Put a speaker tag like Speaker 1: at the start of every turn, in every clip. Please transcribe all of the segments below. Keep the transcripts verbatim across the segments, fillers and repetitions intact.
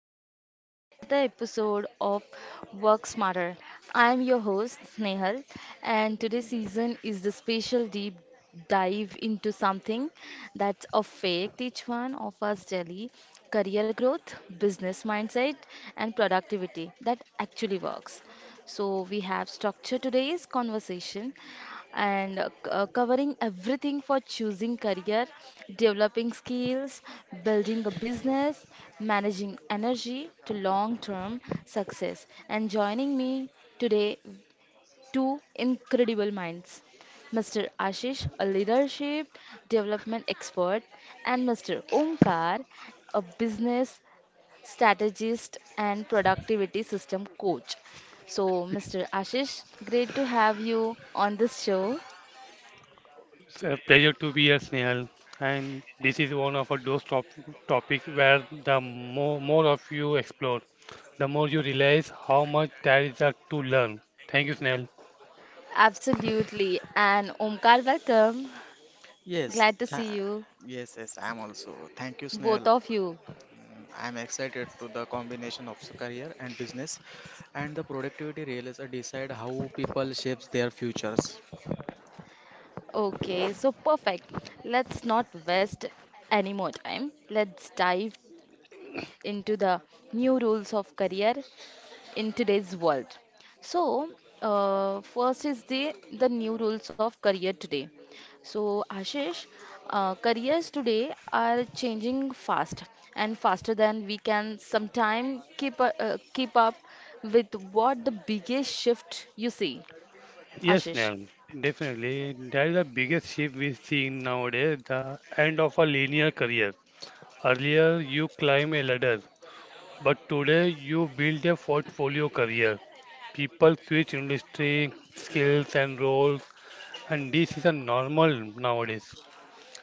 Speaker 1: welcome back to another episode of Work Smarter. I am your host, Snehal, and today's season is the special deep dive into something that's affect each one of us daily career growth, business mindset, and productivity that actually works. So, we have structured today's conversation and uh, c- uh, covering everything for choosing career, developing skills, building a business, managing energy to long term success. And joining me today, two incredible minds. Mister Ashish, a leadership development expert, and Mister Omkar, a business strategist, and productivity system coach. So, Mister Ashish, great to have you on this show.
Speaker 2: It's a pleasure to be here, snail, and this is one of those top topic where the more more of you explore, the more you realize how much there is a to learn. Thank you, snail.
Speaker 1: Absolutely. And Omkar, welcome.
Speaker 3: Yes,
Speaker 1: Glad to see
Speaker 3: tha-
Speaker 1: you,
Speaker 3: yes, yes, I'm also. Thank you,
Speaker 1: both
Speaker 3: Snehal.
Speaker 1: of you.
Speaker 3: Mm, I'm excited to the combination of s- career and business and the productivity realize, uh, decide how people shapes their futures.
Speaker 1: Okay, so perfect. Let's not waste any more time. Let's dive into the new rules of career in today's world. So, uh, first is the the new rules of career today. So, Ashish, uh, careers today are changing fast and faster than we can sometimes keep uh, uh, keep up with what the biggest shift you see,
Speaker 2: Yes,
Speaker 1: Ashish.
Speaker 2: snail. Definitely, that is the biggest shift we see nowadays. The end of a linear career. Earlier, you climb a ladder, but today you build a portfolio career. People switch industry, skills, and roles, and this is a normal nowadays.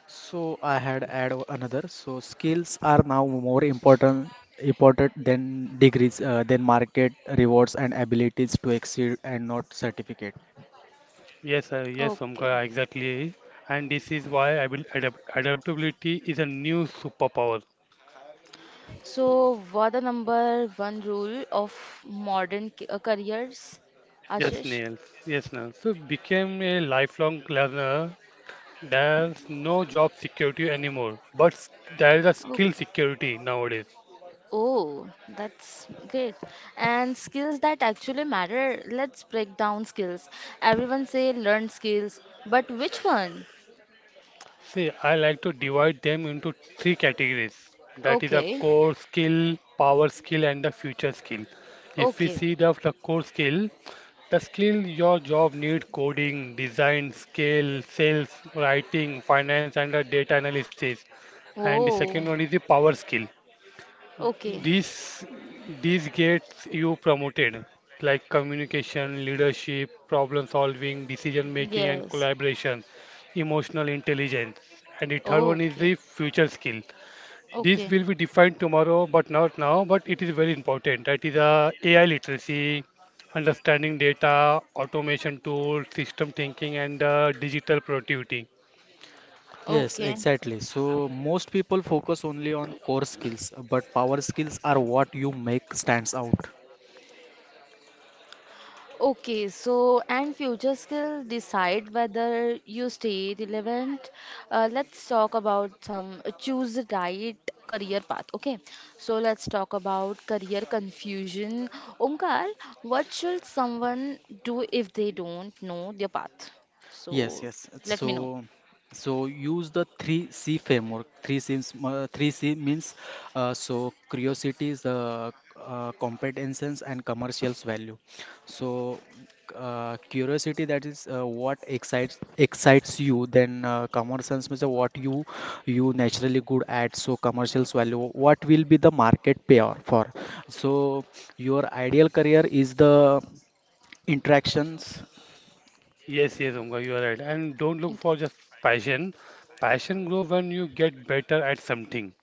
Speaker 3: So I had add o- another. So skills are now more important important than degrees, uh, than market rewards and abilities to exceed and not certificate.
Speaker 2: Yes, uh, yes,
Speaker 1: Okay.
Speaker 2: Omkar, exactly. And this is why I will adapt adaptability is a new superpower.
Speaker 1: So, what the number one rule of modern ca- uh, careers,
Speaker 2: Yes,
Speaker 1: Ashish?
Speaker 2: nails, Yes, nails. So became a lifelong learner. There's no job security anymore, but s- there is a skill
Speaker 1: Okay.
Speaker 2: security nowadays.
Speaker 1: Oh, that's great. And skills that actually matter. Let's break down skills. Everyone say learn skills, but which one?
Speaker 2: See, I like to divide them into three categories. That is a
Speaker 1: Okay.
Speaker 2: core skill, power skill, and the future skill. If we
Speaker 1: Okay.
Speaker 2: see the, the core skill, the skill your job need coding, design, scale, sales, writing, finance, and the data analysis. And the second
Speaker 1: Oh.
Speaker 2: one is the power skill.
Speaker 1: Okay.
Speaker 2: This this gets you promoted, like communication, leadership, problem solving, decision making, and
Speaker 1: Yes.
Speaker 2: collaboration, emotional intelligence. And the third one is
Speaker 1: Okay.
Speaker 2: the future skill. This
Speaker 1: Okay.
Speaker 2: will be defined tomorrow, but not now. But it is very important. That is uh, A I literacy, understanding data, automation tools, system thinking, and uh, digital productivity.
Speaker 3: Yes,
Speaker 1: Okay.
Speaker 3: exactly. So most people focus only on core skills, but power skills are what you make stands out.
Speaker 1: Okay, so and future skill decide whether you stay relevant. Uh, let's talk about some uh, choose the right career path. Okay, so let's talk about career confusion. Omkar, what should someone do if they don't know their path? So
Speaker 3: Yes, yes.
Speaker 1: let me know.
Speaker 3: So, so use the three C framework. Three C's, uh, three C means, uh, so curiosities, uh, uh, competences, and commercials value. So, uh, curiosity, that is, uh, what excites excites you. Then, uh, commercials means what you you naturally good at. So commercials value. What will be the market payoff for? So your ideal career is the interactions.
Speaker 2: Yes, yes, Umga, you are right. And don't look for just passion. Passion grows when you get better at something.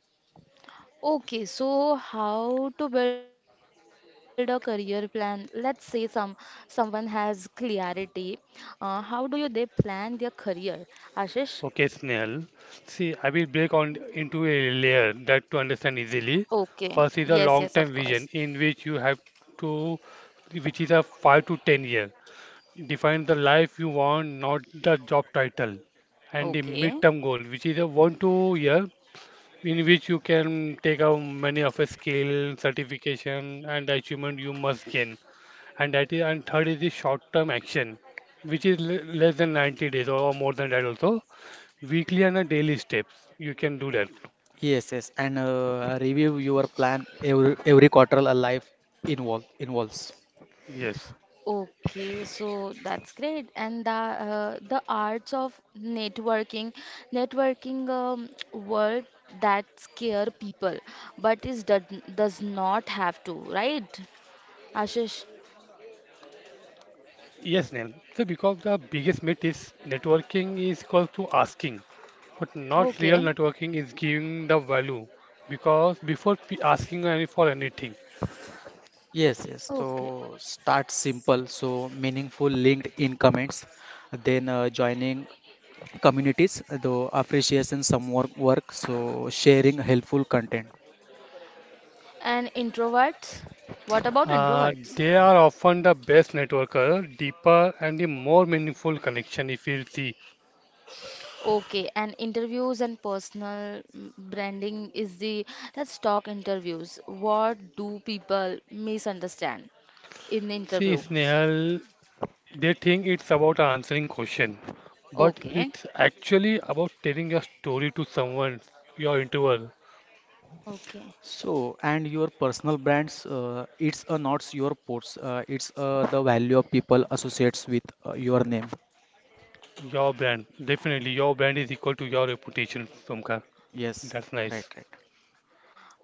Speaker 1: Okay, so how to build a career plan? Let's say some someone has clarity. Uh, how do you they plan their career? Ashish?
Speaker 2: Okay, Snehal. See, I will break on into a layer that to understand easily.
Speaker 1: Okay.
Speaker 2: First is a
Speaker 1: Yes, yes, of
Speaker 2: long-term
Speaker 1: course.
Speaker 2: vision in which you have to, which is a five to ten year. Define the life you want, not the job title, and the
Speaker 1: Okay.
Speaker 2: midterm goal, which is a one to year in which you can take out many of a skill, certification, and achievement you must gain. And that is, and third is the short-term action, which is le- less than ninety days or more than that also. Weekly and a daily steps, you can do that.
Speaker 3: Yes, yes, and uh, review your plan every every quarter. A life involve involves.
Speaker 2: Yes.
Speaker 1: Okay, so that's great. And the uh, the arts of networking, networking um, word that scare people, but is does does not have to, right? Ashish.
Speaker 2: Yes, Neil. So because the biggest myth is networking is equal to asking. But not real
Speaker 1: Okay.
Speaker 2: networking is giving the value because before p- asking any for anything,
Speaker 3: Yes, yes. So
Speaker 1: Okay.
Speaker 3: start simple, so meaningful linked in comments, then, uh, joining communities, the appreciation some work, work, so sharing helpful content.
Speaker 1: And introverts? What about
Speaker 2: uh,
Speaker 1: introverts?
Speaker 2: they are often the best networker, deeper and the more meaningful connection. If you see,
Speaker 1: Okay, and interviews and personal mm, branding is the let's talk interviews. What do people misunderstand in
Speaker 2: see
Speaker 1: interviews?
Speaker 2: Snehal, they think it's about answering question, but
Speaker 1: Okay.
Speaker 2: it's actually about telling your story to someone, your interval,
Speaker 1: Okay.
Speaker 3: So and your personal brands, uh, it's, uh, not your posts, uh, it's, uh, the value of people associates with, uh, your name.
Speaker 2: your brand. Definitely, your brand is equal to your reputation, Somkar.
Speaker 3: Yes,
Speaker 2: That's
Speaker 3: right,
Speaker 2: nice.
Speaker 3: right.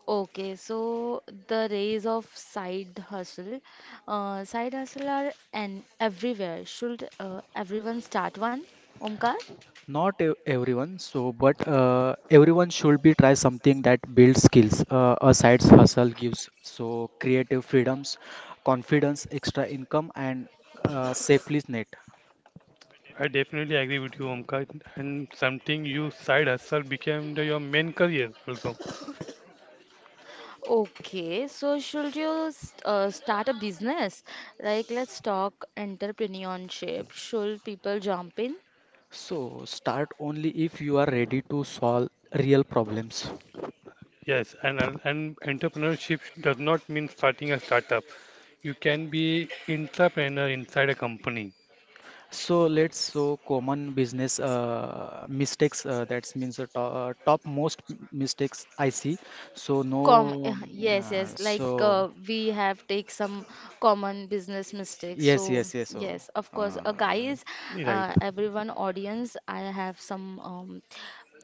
Speaker 1: Okay, so the rays of side hustle, uh, side hustle are and everywhere. Should uh, everyone start one? Omkar?
Speaker 3: Not ev- everyone, so but uh, everyone should be try something that builds skills. Uh, a side's hustle gives so creative freedoms, confidence, extra income, and, uh, safely net.
Speaker 2: I definitely agree with you, Omkar, and something you side hustle became the, your main career also.
Speaker 1: Okay, so should you s- uh, start a business? Like, let's talk entrepreneurship. Should people jump in?
Speaker 3: So start only if you are ready to solve real problems.
Speaker 2: Yes, and al- and entrepreneurship does not mean starting a startup. You can be entrepreneur inside a company,
Speaker 3: So let's, so common business, uh, mistakes. Uh, that means the to, uh, top most m- mistakes I see. So
Speaker 1: Com
Speaker 3: no.
Speaker 1: uh,
Speaker 3: um,
Speaker 1: yes,
Speaker 3: Uh,
Speaker 1: yes. Like,
Speaker 3: so
Speaker 1: uh, we have take some common business mistakes. So
Speaker 3: yes, yes, yes. So.
Speaker 1: yes, of course.
Speaker 3: Uh,
Speaker 1: Uh, guys,
Speaker 2: right?
Speaker 1: uh, everyone, audience, I have some. Um,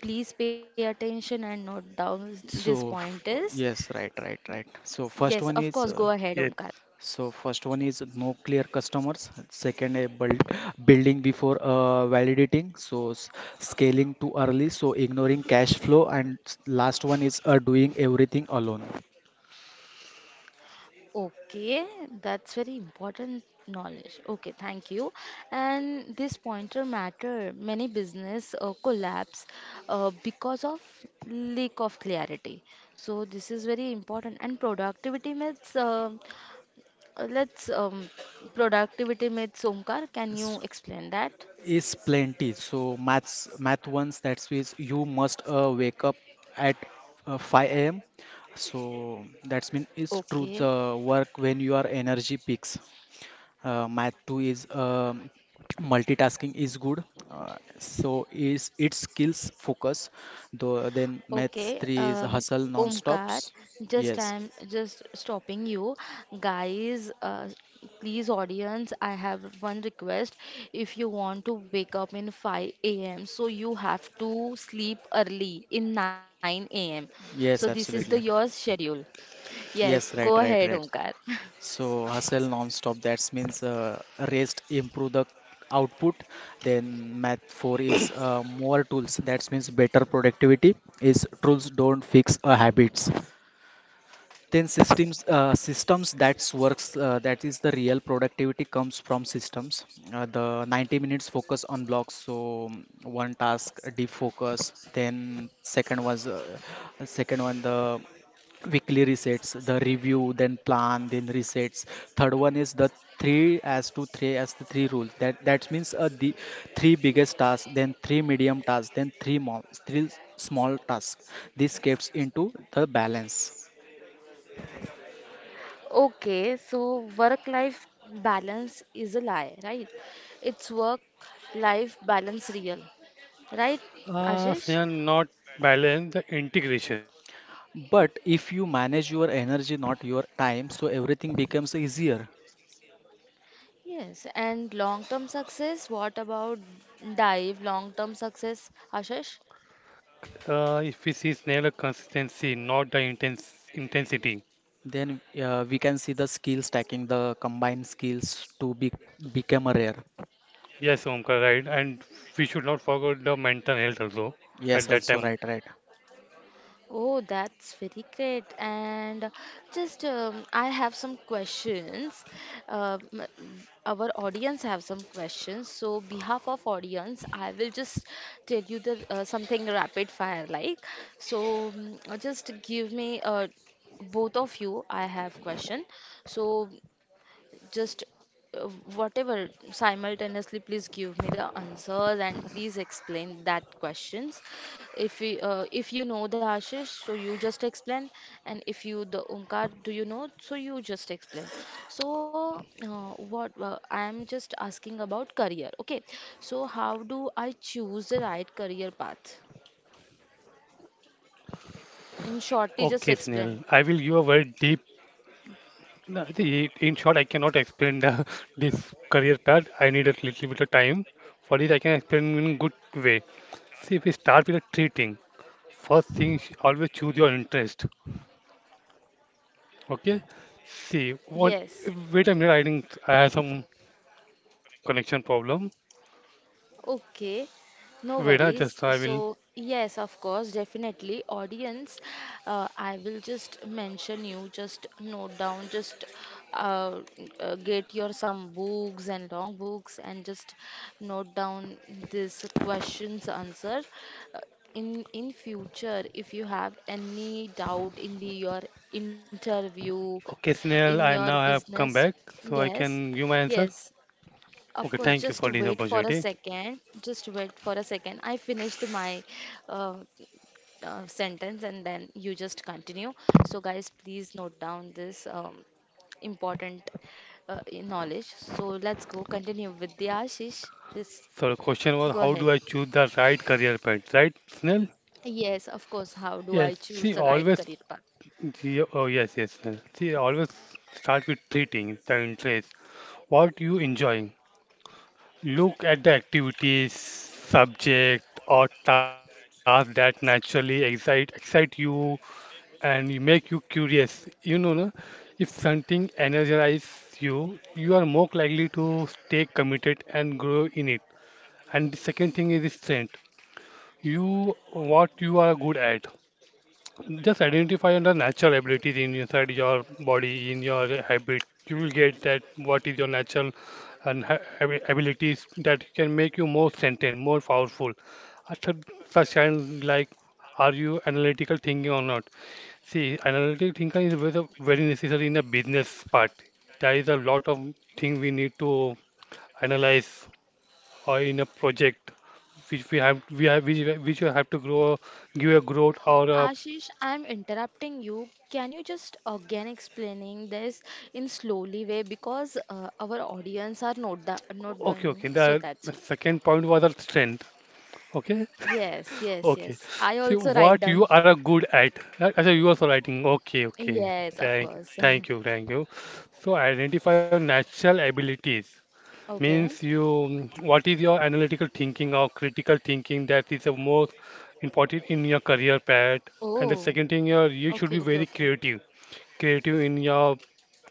Speaker 1: please pay attention and note down this
Speaker 3: So
Speaker 1: point
Speaker 3: f-
Speaker 1: is.
Speaker 3: yes, right, right, right. So
Speaker 1: Yes,
Speaker 3: first one
Speaker 1: of
Speaker 3: is
Speaker 1: course. Go
Speaker 3: uh,
Speaker 1: ahead, Omkar.
Speaker 2: Yes.
Speaker 3: so first one is no clear customers. Second, a build building before, uh, validating. So s- scaling too early. So ignoring cash flow. And s- last one is, uh, doing everything alone.
Speaker 1: Okay, that's very important knowledge. Okay, thank you. And this pointer matter. Many business uh, collapse uh, because of lack of clarity. So this is very important. And productivity myths. Uh, uh, let's um, productivity myths. Omkar, can
Speaker 3: S-
Speaker 1: you explain that?
Speaker 3: Is plenty. So maths math ones that is means you must, uh, wake up at, uh, five a m. So that's mean is truth,
Speaker 1: Okay.
Speaker 3: uh, work when your energy peaks. uh, math two is, um, multitasking is good. Uh, so is it skills focus though. Then maths
Speaker 1: Okay,
Speaker 3: three is
Speaker 1: um,
Speaker 3: hustle
Speaker 1: Omkar,
Speaker 3: non-stops.
Speaker 1: just
Speaker 3: Yes,
Speaker 1: I'm just stopping you. Guys, uh, please, audience, I have one request. If you want to wake up in five a m, so you have to sleep early in nine a m. So this
Speaker 3: yes,
Speaker 1: is the your
Speaker 3: absolutely.
Speaker 1: schedule. Yes,
Speaker 3: Yes,
Speaker 1: go
Speaker 3: right,
Speaker 1: ahead,
Speaker 3: right, right.
Speaker 1: Omkar.
Speaker 3: So hustle non-stop, that means, uh, rest improve the output. Then math four is, uh, more tools that means better productivity is tools don't fix, uh, habits. Then systems uh, systems that's works, uh, that is the real productivity comes from systems. Uh, the ninety minutes focus on blocks, so, um, one task defocus. Then second was uh, second one the weekly resets, the review, then plan, then resets. Third one is the three as to three as the three rules that that means, uh, the three biggest tasks, then three medium tasks, then three mo- three small tasks. This gets into the balance.
Speaker 1: Okay, so work-life balance is a lie, right? It's work-life balance real, right,
Speaker 2: Uh,
Speaker 1: Ashish?
Speaker 2: Snehal, not balance the integration.
Speaker 3: But if you manage your energy, not your time, so everything becomes easier.
Speaker 1: Yes, and long-term success, what about dive long-term success, Ashish?
Speaker 2: Uh, if we see Snehal, the consistency, not the intense intensity.
Speaker 3: Then, uh, we can see the skill stacking, the combined skills to be become a rare.
Speaker 2: Yes, Omkar, right, and we should not forget the mental health also at
Speaker 3: Yes,
Speaker 2: that
Speaker 3: also,
Speaker 2: time.
Speaker 3: right, right.
Speaker 1: Oh, that's very great. And just um, I have some questions. Uh, m- our audience have some questions. So, behalf of audience, I will just tell you the uh, something rapid fire like. So, mm, just give me uh, both of you. I have question. So. just uh, whatever simultaneously, please give me the answers and please explain that questions. If we uh, if you know the Ashish, so you just explain, and if you the Umkar do you know, so you just explain. So uh, what uh, I am just asking about career. Okay, so how do I choose the right career path
Speaker 2: Okay,
Speaker 1: in
Speaker 2: Snehal,
Speaker 1: short?
Speaker 2: I
Speaker 1: You
Speaker 2: will
Speaker 1: just
Speaker 2: give a very
Speaker 1: explain.
Speaker 2: deep. No, I think i- in short, I cannot explain the this career path. I need a little bit of time. For this, I can explain in good way. See, if we start with a three thing, first thing, sh- always choose your interest. Okay. See, one.
Speaker 1: Yes.
Speaker 2: Wait a minute. I think I have some connection problem.
Speaker 1: Okay, no
Speaker 2: Wait, ah,
Speaker 1: worries.
Speaker 2: just I
Speaker 1: So,
Speaker 2: will.
Speaker 1: yes, of course, definitely. Audience, uh, I will just mention you, just note down, just uh, uh, get your some books and long books and just note down this questions answer. Uh, in in future, if you have any doubt in the your interview,
Speaker 2: Okay,
Speaker 1: in your
Speaker 2: Snail, I now
Speaker 1: business,
Speaker 2: have come back, so I
Speaker 1: yes,
Speaker 2: can give my answer.
Speaker 1: yes, of
Speaker 2: Okay,
Speaker 1: course,
Speaker 2: thank you
Speaker 1: just
Speaker 2: for this
Speaker 1: wait for a
Speaker 2: opportunity.
Speaker 1: second. Just wait for a second. I finished my uh, uh, sentence and then you just continue. So, guys, please note down this um, important uh, knowledge. So, let's go continue with the Ashish. Please
Speaker 2: So the question was,
Speaker 1: go
Speaker 2: how do
Speaker 1: ahead.
Speaker 2: I choose the right career path? Right, Snail?
Speaker 1: Yes, of course. How do
Speaker 2: Yes,
Speaker 1: I
Speaker 2: see,
Speaker 1: choose the right
Speaker 2: always
Speaker 1: career path?
Speaker 2: Yeah, oh yes, yes. yes. See, always start with three things, the interest. What you enjoy. Look at the activities, subject, or task that naturally excite excite you and you make you curious. You know, no? If something energizes you, you are more likely to stay committed and grow in it. And the second thing is strength. You what you are good at. Just identify the natural abilities in inside your body, in your habit. You will get that what is your natural and ha- abi- abilities that can make you more sentient, more powerful. After such kind like, are you analytical thinking or not? See, analytical thinking is very very necessary in the business part. There is a lot of thing we need to analyze or in a project which we have we have which, which you have to grow give a growth or a.
Speaker 1: Ashish, I'm interrupting you. Can you just again explaining this in slowly way because uh, our audience are not da- not
Speaker 2: Okay, okay.
Speaker 1: doing so
Speaker 2: The, the
Speaker 1: that's why.
Speaker 2: second point was our strength. Okay,
Speaker 1: Yes, yes,
Speaker 2: okay.
Speaker 1: yes. I
Speaker 2: See
Speaker 1: also write
Speaker 2: what
Speaker 1: down.
Speaker 2: you are good at. Right? Achha, you also writing. Okay, okay.
Speaker 1: Yes, of
Speaker 2: Thank,
Speaker 1: course.
Speaker 2: thank you, thank you. So identify your natural abilities. Means
Speaker 1: Okay.
Speaker 2: you, mm, what is your analytical thinking or critical thinking that is the most important in your career path. And the
Speaker 1: Oh.
Speaker 2: second thing, your you should
Speaker 1: Okay,
Speaker 2: be
Speaker 1: okay,
Speaker 2: very
Speaker 1: okay.
Speaker 2: creative creative in your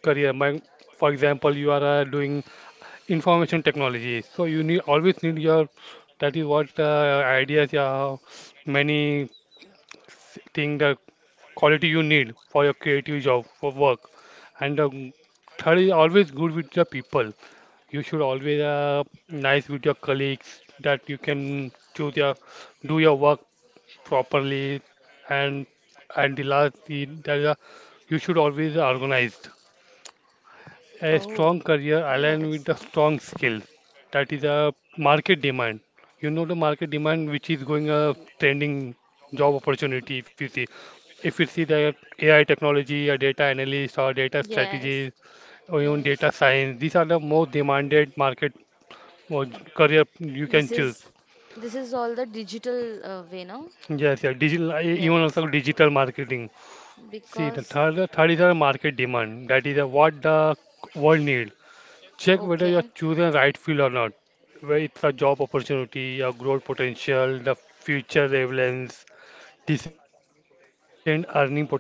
Speaker 2: career. My, for example, you are uh, doing information technology so you need always need your that is what uh, ideas yeah many thing the quality you need for your creative job for work and um, third is always good with the people. You should always uh, nice with your colleagues that you can choose your do your work properly, and and the last the, the, you should always organized a
Speaker 1: Oh.
Speaker 2: strong career aligned with
Speaker 1: Yes.
Speaker 2: the strong skills that is a market demand. You know the market demand which is going a trending job opportunity. If you see, if you see the AI technology, a data analyst or data
Speaker 1: Yes.
Speaker 2: strategist or even data
Speaker 1: Yes.
Speaker 2: science, these are the most demanded market or j- career you can
Speaker 1: This
Speaker 2: choose.
Speaker 1: is this is all the digital uh, way now.
Speaker 2: Yes, yeah, digital, uh, e- even also
Speaker 1: Yes.
Speaker 2: digital marketing. See the
Speaker 1: Because
Speaker 2: third, the third is a market demand, that is uh, what the world need. Check whether you're
Speaker 1: okay.
Speaker 2: choosing the right field or not, where it's a job opportunity, a growth potential, the future relevance, decent earning potential.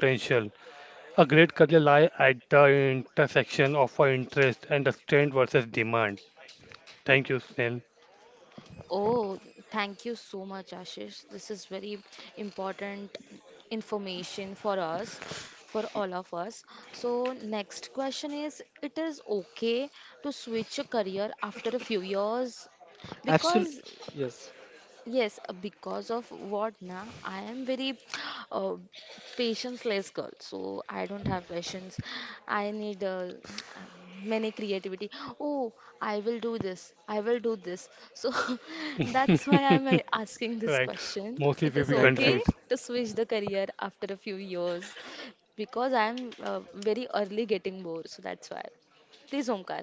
Speaker 2: A great career lie at the intersection of our interest and the strength versus demand. Thank you, Snell.
Speaker 1: Oh, thank you so much, Ashish. This is very important information for us, for all of us. So, next question is, it is okay to switch a career after a few years
Speaker 3: Absolutely.
Speaker 1: because
Speaker 3: Yes.
Speaker 1: yes, uh, because of what na, I am very uh, patience-less girl, so I don't have patience. I need uh, many creativity. Oh, I will do this. I will do this. So that's why I'm uh, asking this
Speaker 2: Right.
Speaker 1: question.
Speaker 2: Mostly
Speaker 1: It
Speaker 2: we
Speaker 1: is
Speaker 2: be
Speaker 3: Right,
Speaker 1: okay
Speaker 3: right.
Speaker 2: confused.
Speaker 1: to switch the career after a few years because I'm uh, very early getting bored. So that's why. Please, Omkar.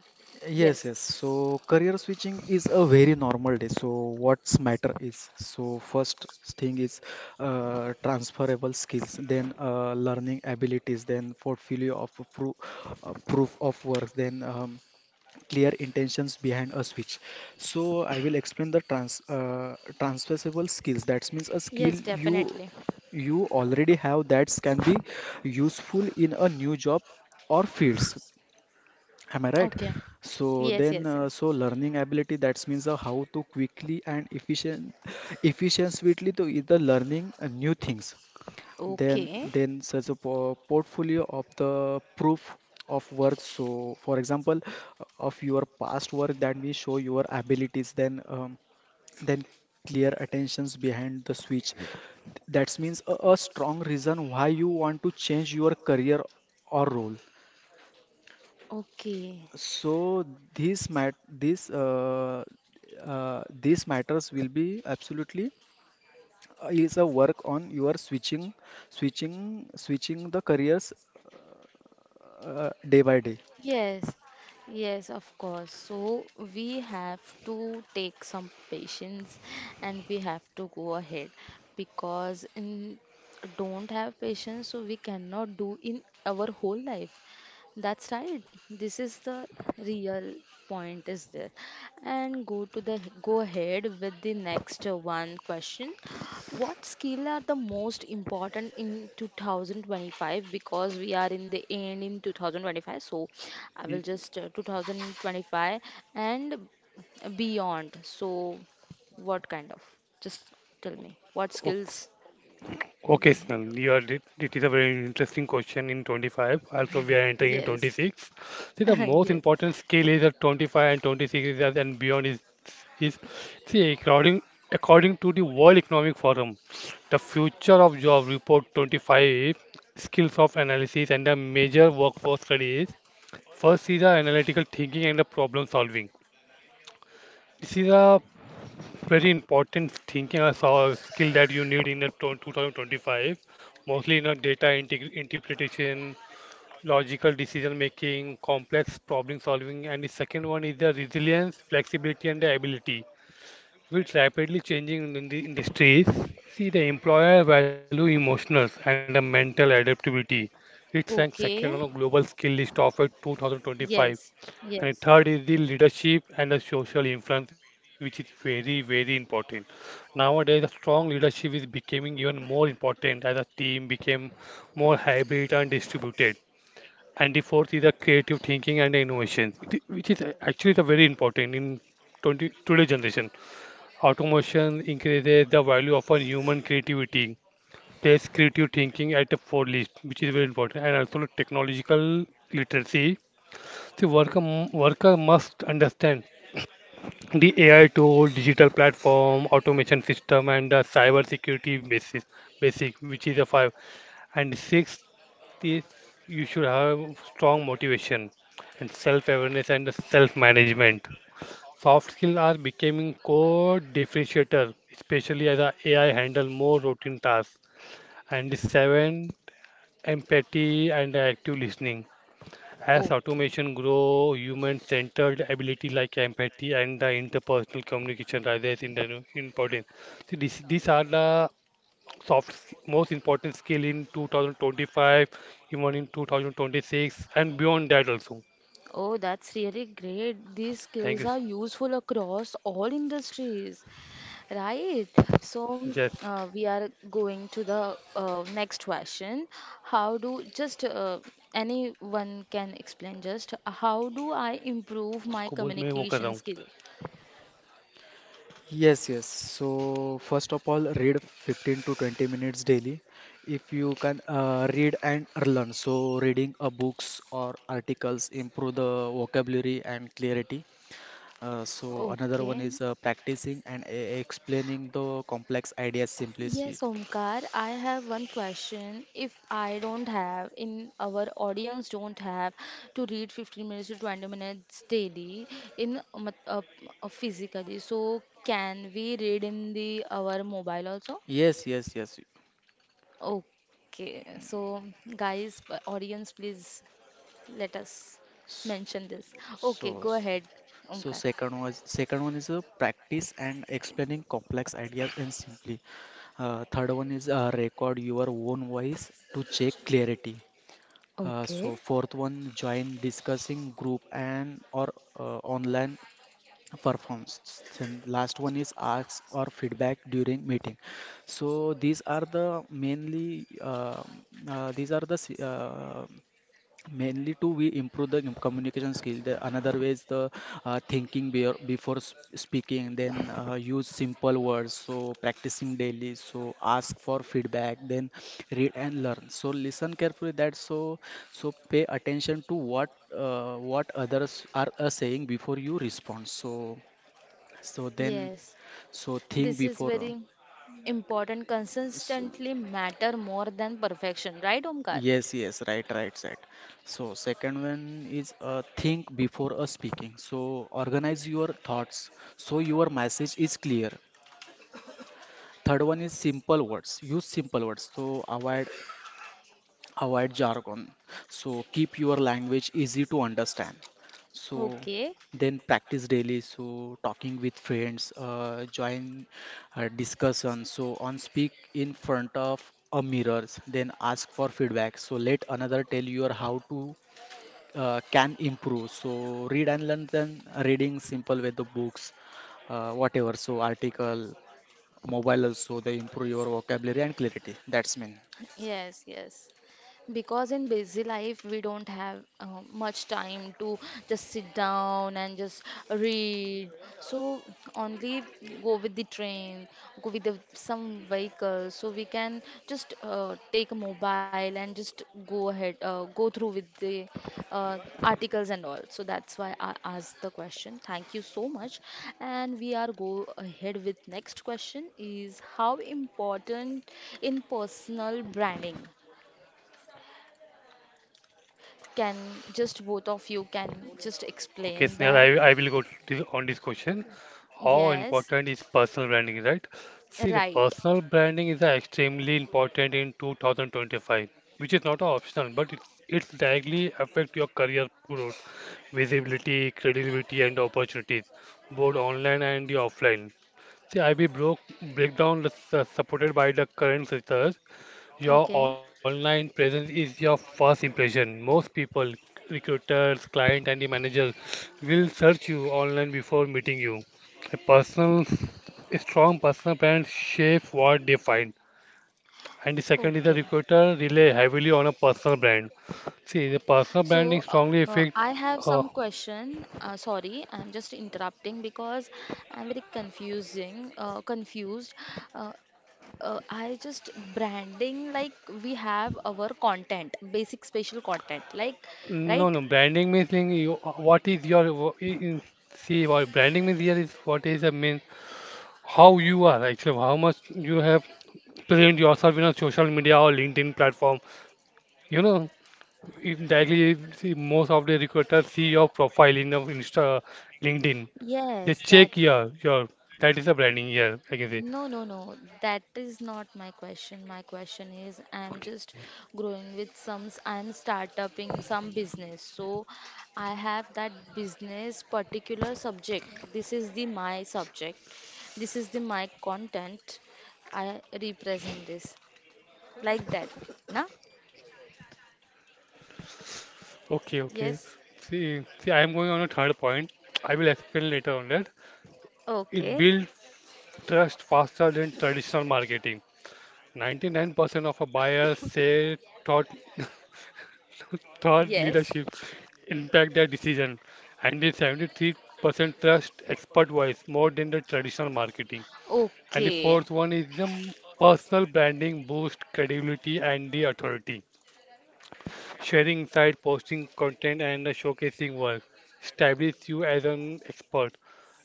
Speaker 3: Yes,
Speaker 1: Yes.
Speaker 3: yes. So career switching is a very normal day. So what's matter is, so first thing is, uh, transferable skills, then, uh, learning abilities, then portfolio of proof, uh, proof of work, then, um, clear intentions behind a switch. So I will explain the trans uh, transferable skills. That means a
Speaker 1: Yes,
Speaker 3: skill you
Speaker 1: definitely.
Speaker 3: you already have that can be useful in a new job or fields. Am I right?
Speaker 1: Okay.
Speaker 3: So
Speaker 1: Yes,
Speaker 3: then,
Speaker 1: yes,
Speaker 3: uh,
Speaker 1: yes.
Speaker 3: so learning ability that means, uh, how to quickly and efficient, efficiently to either learning, uh, new things. Then,
Speaker 1: Okay,
Speaker 3: then such a po portfolio of the proof of work. So, for example, uh, of your past work that we show your abilities. Then, um, then clear attentions behind the switch. That means a, a strong reason why you want to change your career or role.
Speaker 1: okay.
Speaker 3: So this mat this uh, uh, these matters will be absolutely, uh, is a work on your switching switching switching the careers, uh, day by day.
Speaker 1: Yes, yes, of course. So we have to take some patience and we have to go ahead because in don't have patience, so we cannot do in our whole life. That's right. This is the real point, is there? And go to the go ahead with the next uh, one question. What skill are the most important in twenty twenty-five? Because we are in the end in twenty twenty-five, so I will just uh, twenty twenty-five and beyond. So, what kind of? Just tell me what
Speaker 2: Y-
Speaker 1: skills
Speaker 2: Okay,
Speaker 1: we have.
Speaker 2: Snell, you are, it, it is a very interesting question in twenty-five. Also, we are entering in
Speaker 1: Yes,
Speaker 2: twenty-six. See, the most
Speaker 1: yes.
Speaker 2: important skill is at twenty-five and twenty-six is that and beyond is, is see, according, according to the World Economic Forum, the future of job report twenty-five skills of analysis and the major workforce study is first is the analytical thinking and the problem solving. This is a very important thinking as a skill that you need in a tw- twenty twenty-five, mostly in a data integ- interpretation logical decision making complex problem solving. And the second one is the resilience flexibility and the ability with rapidly changing in the industries. See the employer value emotional and the mental adaptability. It's ranked second on a
Speaker 1: Okay.
Speaker 2: global skill list of uh, twenty twenty-five.
Speaker 1: Yes,
Speaker 2: And
Speaker 1: yes.
Speaker 2: third is the leadership and the social influence, which is very, very important. Nowadays, a strong leadership is becoming even more important as a team became more hybrid and distributed. And the fourth is the creative thinking and innovation, it- which is actually the very important in twenty, today's generation. Automation increases the value of our human creativity, place creative thinking at the forelist, which is very important, and also technological literacy. The worker, worker must understand the A I tool, digital platform, automation system, and the cyber security basis, basic, which is a five. And six is you should have strong motivation and self-awareness and self-management. Soft skills are becoming core differentiator, especially as a AI handle more routine tasks. And the seven, empathy and active listening. As
Speaker 1: Okay.
Speaker 2: automation grow, human-centered ability like empathy and the interpersonal communication rises in the new- importance. So this, these are the soft, s- most important skill in two thousand twenty-five, even in two thousand twenty-six and beyond that also.
Speaker 1: Oh, that's really great. These
Speaker 2: Thank
Speaker 1: skills
Speaker 2: you.
Speaker 1: are useful across all industries, right? So,
Speaker 2: Yes,
Speaker 1: uh, we are going to the uh, next question. How do just uh, anyone can explain just how do I improve my
Speaker 2: उसको बोल मैं वो कर रहा
Speaker 1: communication
Speaker 2: हूँ.
Speaker 1: skill?
Speaker 3: Yes, yes. So first of all, read fifteen to twenty minutes daily. If you can, uh, read and learn, so reading a books or articles improve the vocabulary and clarity. Uh, so another one
Speaker 1: Okay.
Speaker 3: is, uh, practicing and e- explaining the complex ideas simplicity.
Speaker 1: Yes, Omkar, I have one question. If I don't have, in our audience don't have to read fifteen minutes to twenty minutes daily in a mat- uh, uh, physically, so can we read in the our mobile also?
Speaker 3: Yes, yes, yes.
Speaker 1: Okay, so guys, p- audience, please let us
Speaker 3: S-
Speaker 1: mention this. Okay, go
Speaker 3: So,
Speaker 1: ahead, Omkar.
Speaker 3: so second was second one is, uh, practice and explaining complex ideas and simply. Uh, third one is, uh, record your own voice to check clarity. Uh,
Speaker 1: Okay.
Speaker 3: so fourth one, join discussing group and or, uh, online performs, and last one is asks or feedback during meeting. So these are the mainly, uh, uh, these are the s- uh, mainly to we improve the im- communication skill. The another way is the, uh, thinking be- before s- speaking. Then, uh, use simple words, so practicing daily, so ask for feedback, then read and learn, so listen carefully that. So so pay attention to what, uh, what others are, uh, saying before you respond. so so then,
Speaker 1: Yes.
Speaker 3: so think
Speaker 1: This is
Speaker 3: before. uh,
Speaker 1: very important.
Speaker 3: So,
Speaker 1: Consistently matter more than perfection, right, Omkar?
Speaker 3: yes, yes, right, right, set. So second one is, uh, think before, uh, speaking. So organize your thoughts so your message is clear. Third one is simple words. Use simple words. So avoid avoid jargon, so keep your language easy to understand. So
Speaker 1: Okay.
Speaker 3: then practice daily, so talking with friends, uh, join, uh, discussion. So on speak in front of a mirrors, then ask for feedback, so let another tell you how to, uh, can improve. So read and learn, then reading simple with the books, uh, whatever, so article mobile also they improve your vocabulary and clarity, that's mean.
Speaker 1: Yes, yes. Because in busy life, we don't have uh, much time to just sit down and just read. So only go with the train, go with the, some vehicle, so we can just uh, take a mobile and just go ahead, uh, go through with the uh, articles and all. So that's why I asked the question. Thank you so much. And we are go ahead with next question is how important in personal branding? Can just both of you can just
Speaker 2: Okay,
Speaker 1: explain
Speaker 2: Snehal,
Speaker 1: that?
Speaker 2: I, I will go to on this question. How
Speaker 1: Yes,
Speaker 2: important is personal branding, right? See, the
Speaker 1: right.
Speaker 2: personal branding is uh, extremely important in twenty twenty-five, which is not optional, but it's it's directly affect your career growth, visibility, credibility, and opportunities, both online and the offline. The I B broke breakdown is uh, supported by the current research. Your
Speaker 1: Okay,
Speaker 2: online presence is your first impression. Most people, recruiters, client, and the managers will search you online before meeting you. A personal, a strong personal brand shapes what they find. And the second is the
Speaker 1: okay.
Speaker 2: recruiter rely heavily on a personal brand. See, the personal
Speaker 1: So
Speaker 2: branding
Speaker 1: uh,
Speaker 2: strongly
Speaker 1: uh,
Speaker 2: affect
Speaker 1: I have some
Speaker 2: uh,
Speaker 1: question. Uh, sorry, I'm just interrupting because I'm very confusing, uh, confused. Uh, uh, I just branding like we have our content, basic special content, like
Speaker 2: No,
Speaker 1: right?
Speaker 2: no. Branding means in you, what is your wo- i- in, see what branding means here is what is the means how you are actually how much you have present yourself in a social media or LinkedIn platform. You know, if directly see most of the recruiters see your profile in the Insta, LinkedIn. They
Speaker 1: Yes, that.
Speaker 2: check your your that is a branding here. I can say
Speaker 1: No, no, no. That is not my question. My question is I'm
Speaker 2: okay,
Speaker 1: just growing with some, I'm start upping some business. So I have that business particular subject. This is the my subject. This is the my content. I represent this. Like that, na?
Speaker 2: okay,
Speaker 1: Yes.
Speaker 2: okay. See, see, I am going on a third point. I will explain later on that.
Speaker 1: Okay.
Speaker 2: It builds trust faster than traditional marketing. ninety-nine percent of our buyers say thought thought
Speaker 1: Yes.
Speaker 2: leadership impact their decision, and the seventy-three percent trust expert voice more than the traditional marketing. And the
Speaker 1: Okay.
Speaker 2: fourth one is the personal branding boost credibility and the authority. Sharing insight, posting content, and the showcasing work establish you as an expert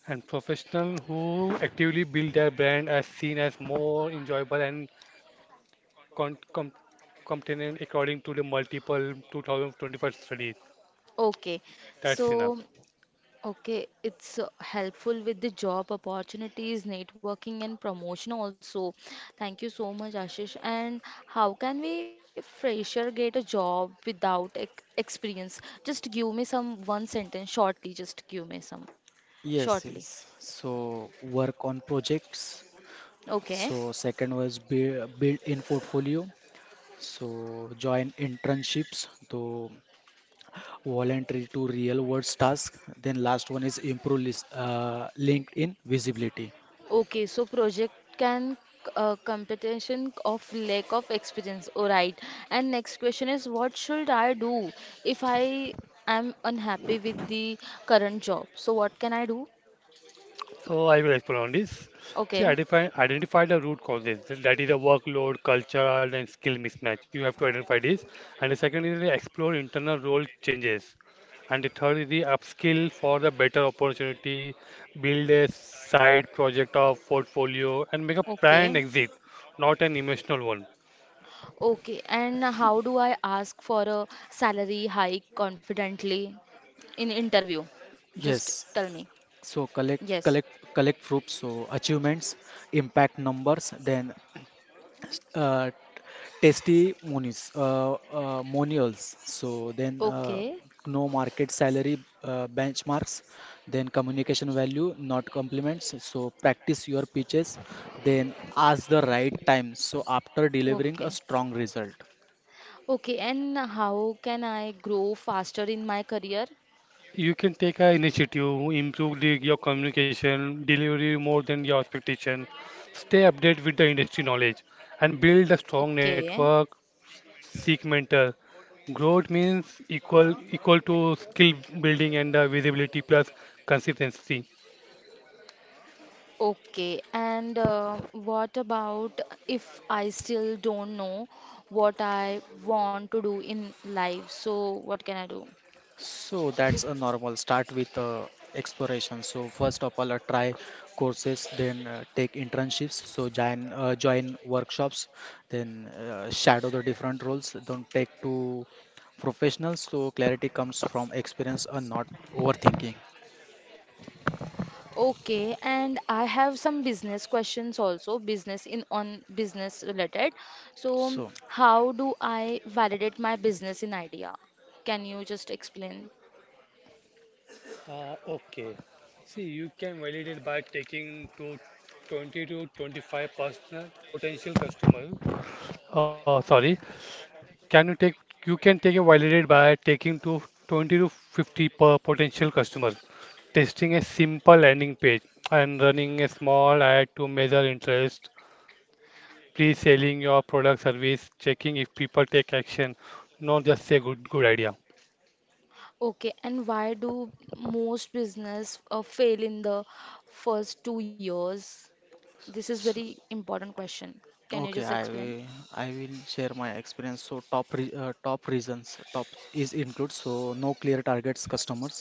Speaker 2: and professional who actively build their brand as seen as more enjoyable and con- com- continent according to the multiple two thousand twenty-five studies.
Speaker 1: Okay.
Speaker 2: That's enough.
Speaker 1: So okay, it's uh, helpful with the job opportunities, networking, and promotion also. Thank you so much, Ashish. And how can we fresher get a job without ex experience? Just give me some one sentence shortly. Just give me some
Speaker 3: Yes,
Speaker 1: shortly.
Speaker 3: yes. So work on projects.
Speaker 1: Okay.
Speaker 3: So second was build, build in portfolio. So join internships, to voluntary to real world task. Then last one is improve list, uh, LinkedIn visibility.
Speaker 1: Okay, so project can uh, competition of lack of experience. All right. And next question is, what should I do if I am unhappy with the current job? So what can I do?
Speaker 2: So I will explain on this. See,
Speaker 1: Okay.
Speaker 2: identify identify the root causes. That is the workload, cultural, and skill mismatch. You have to identify this. And the second is the explore internal role changes. And the third is the upskill for the better opportunity, build a side project or portfolio, and make a planned
Speaker 1: Okay.
Speaker 2: exit, not an emotional one.
Speaker 1: Okay. And how do I ask for a salary hike confidently in interview? Just tell
Speaker 3: Yes.
Speaker 1: me.
Speaker 3: So collect
Speaker 1: Yes.
Speaker 3: collect collect proofs. So achievements, impact numbers. Then, uh, testimonies, uh, uh, monials. So then, uh,
Speaker 1: Okay.
Speaker 3: no market salary, uh, benchmarks. Then communication value, not compliments. So practice your pitches, then ask the right time. So after delivering a
Speaker 1: Okay.
Speaker 3: strong result.
Speaker 1: Okay. And how can I grow faster in my career?
Speaker 2: You can take a initiative, improve the, your communication, delivery more than your expectation, stay updated with the industry knowledge, and build a strong
Speaker 1: Okay.
Speaker 2: network. Seek mentor. Growth means equal equal to skill building and uh, visibility plus consistency.
Speaker 1: Okay, and uh, what about if I still don't know what I want to do in life? So, what can I do?
Speaker 3: So that's a normal start with, uh, exploration. So first of all, uh, try courses, then, uh, take internships. So join uh, join workshops, then, uh, shadow the different roles. Don't take to professionals. So clarity comes from experience and not overthinking.
Speaker 1: Okay, and I have some business questions also, business in on business related. So,
Speaker 3: So,
Speaker 1: how do I validate my business in idea? Can you just explain?
Speaker 2: Uh, okay. See, you can validate by taking to twenty to twenty-five personal potential customer. Uh, sorry, Can you take you can take a validate by taking to twenty to fifty per potential customer, testing a simple landing page and running a small ad to measure interest, pre-selling your product service, checking if people take action, not just say good good idea.
Speaker 1: Okay, and why do most business uh, fail in the first two years? This is
Speaker 3: s
Speaker 1: very important question. Can you
Speaker 3: okay,
Speaker 1: just
Speaker 3: I
Speaker 1: explain?
Speaker 3: will I will share my experience. So top re, uh, top reasons top is include, so no clear targets customers,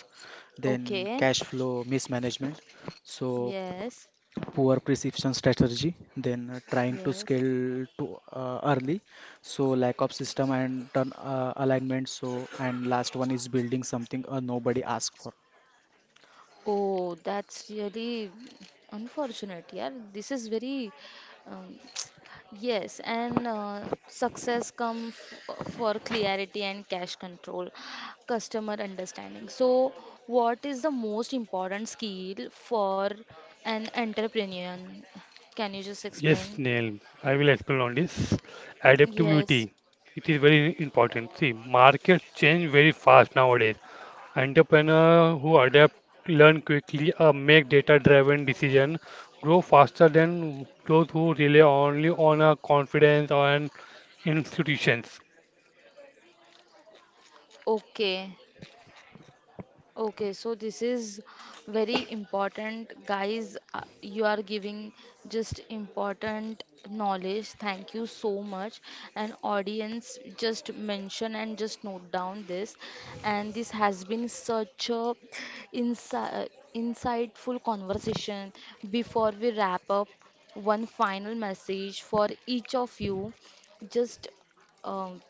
Speaker 3: then
Speaker 1: Okay.
Speaker 3: cash flow mismanagement, so
Speaker 1: Yes.
Speaker 3: poor precision strategy, then, uh, trying to
Speaker 1: Yes.
Speaker 3: scale to, uh, early, so lack of system and turn, uh, alignment, so and last one is building something, uh, nobody asked for.
Speaker 1: Oh, that's really unfortunate, yeah. This is very, um, yes, and uh, success come f for clarity and cash control, customer understanding. So, what is the most important skill for an entrepreneur? Can you just
Speaker 2: Yes,
Speaker 1: explain?
Speaker 2: Neil, I will explain on this.
Speaker 1: Yes.
Speaker 2: Adaptability. It is very important. See, markets change very fast nowadays. Entrepreneurs who adapt, learn quickly, uh, make data-driven decisions, grow faster than those who rely only on a confidence on institutions.
Speaker 1: Okay. Okay, so this is very important, guys. Uh, You are giving just important knowledge. Thank you so much. And audience, just mention and just note down this. And this has been such a insi- uh, insightful conversation. Before we wrap up, one final message for each of you. Just um,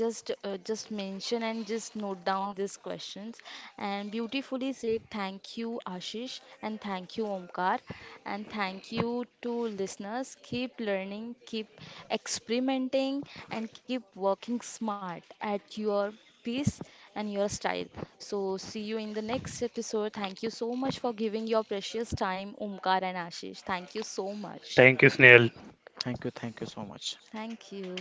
Speaker 1: just uh, just mention and just note down these questions. And beautifully said, thank you, Ashish, and thank you, Omkar, and thank you to listeners. Keep learning, keep experimenting, and keep working smart at your pace and your style. So see you in the next episode. Thank you so much for giving your precious time, Omkar and Ashish. Thank you so much.
Speaker 2: Thank you, Snail.
Speaker 3: Thank you thank you so much.
Speaker 1: Thank you.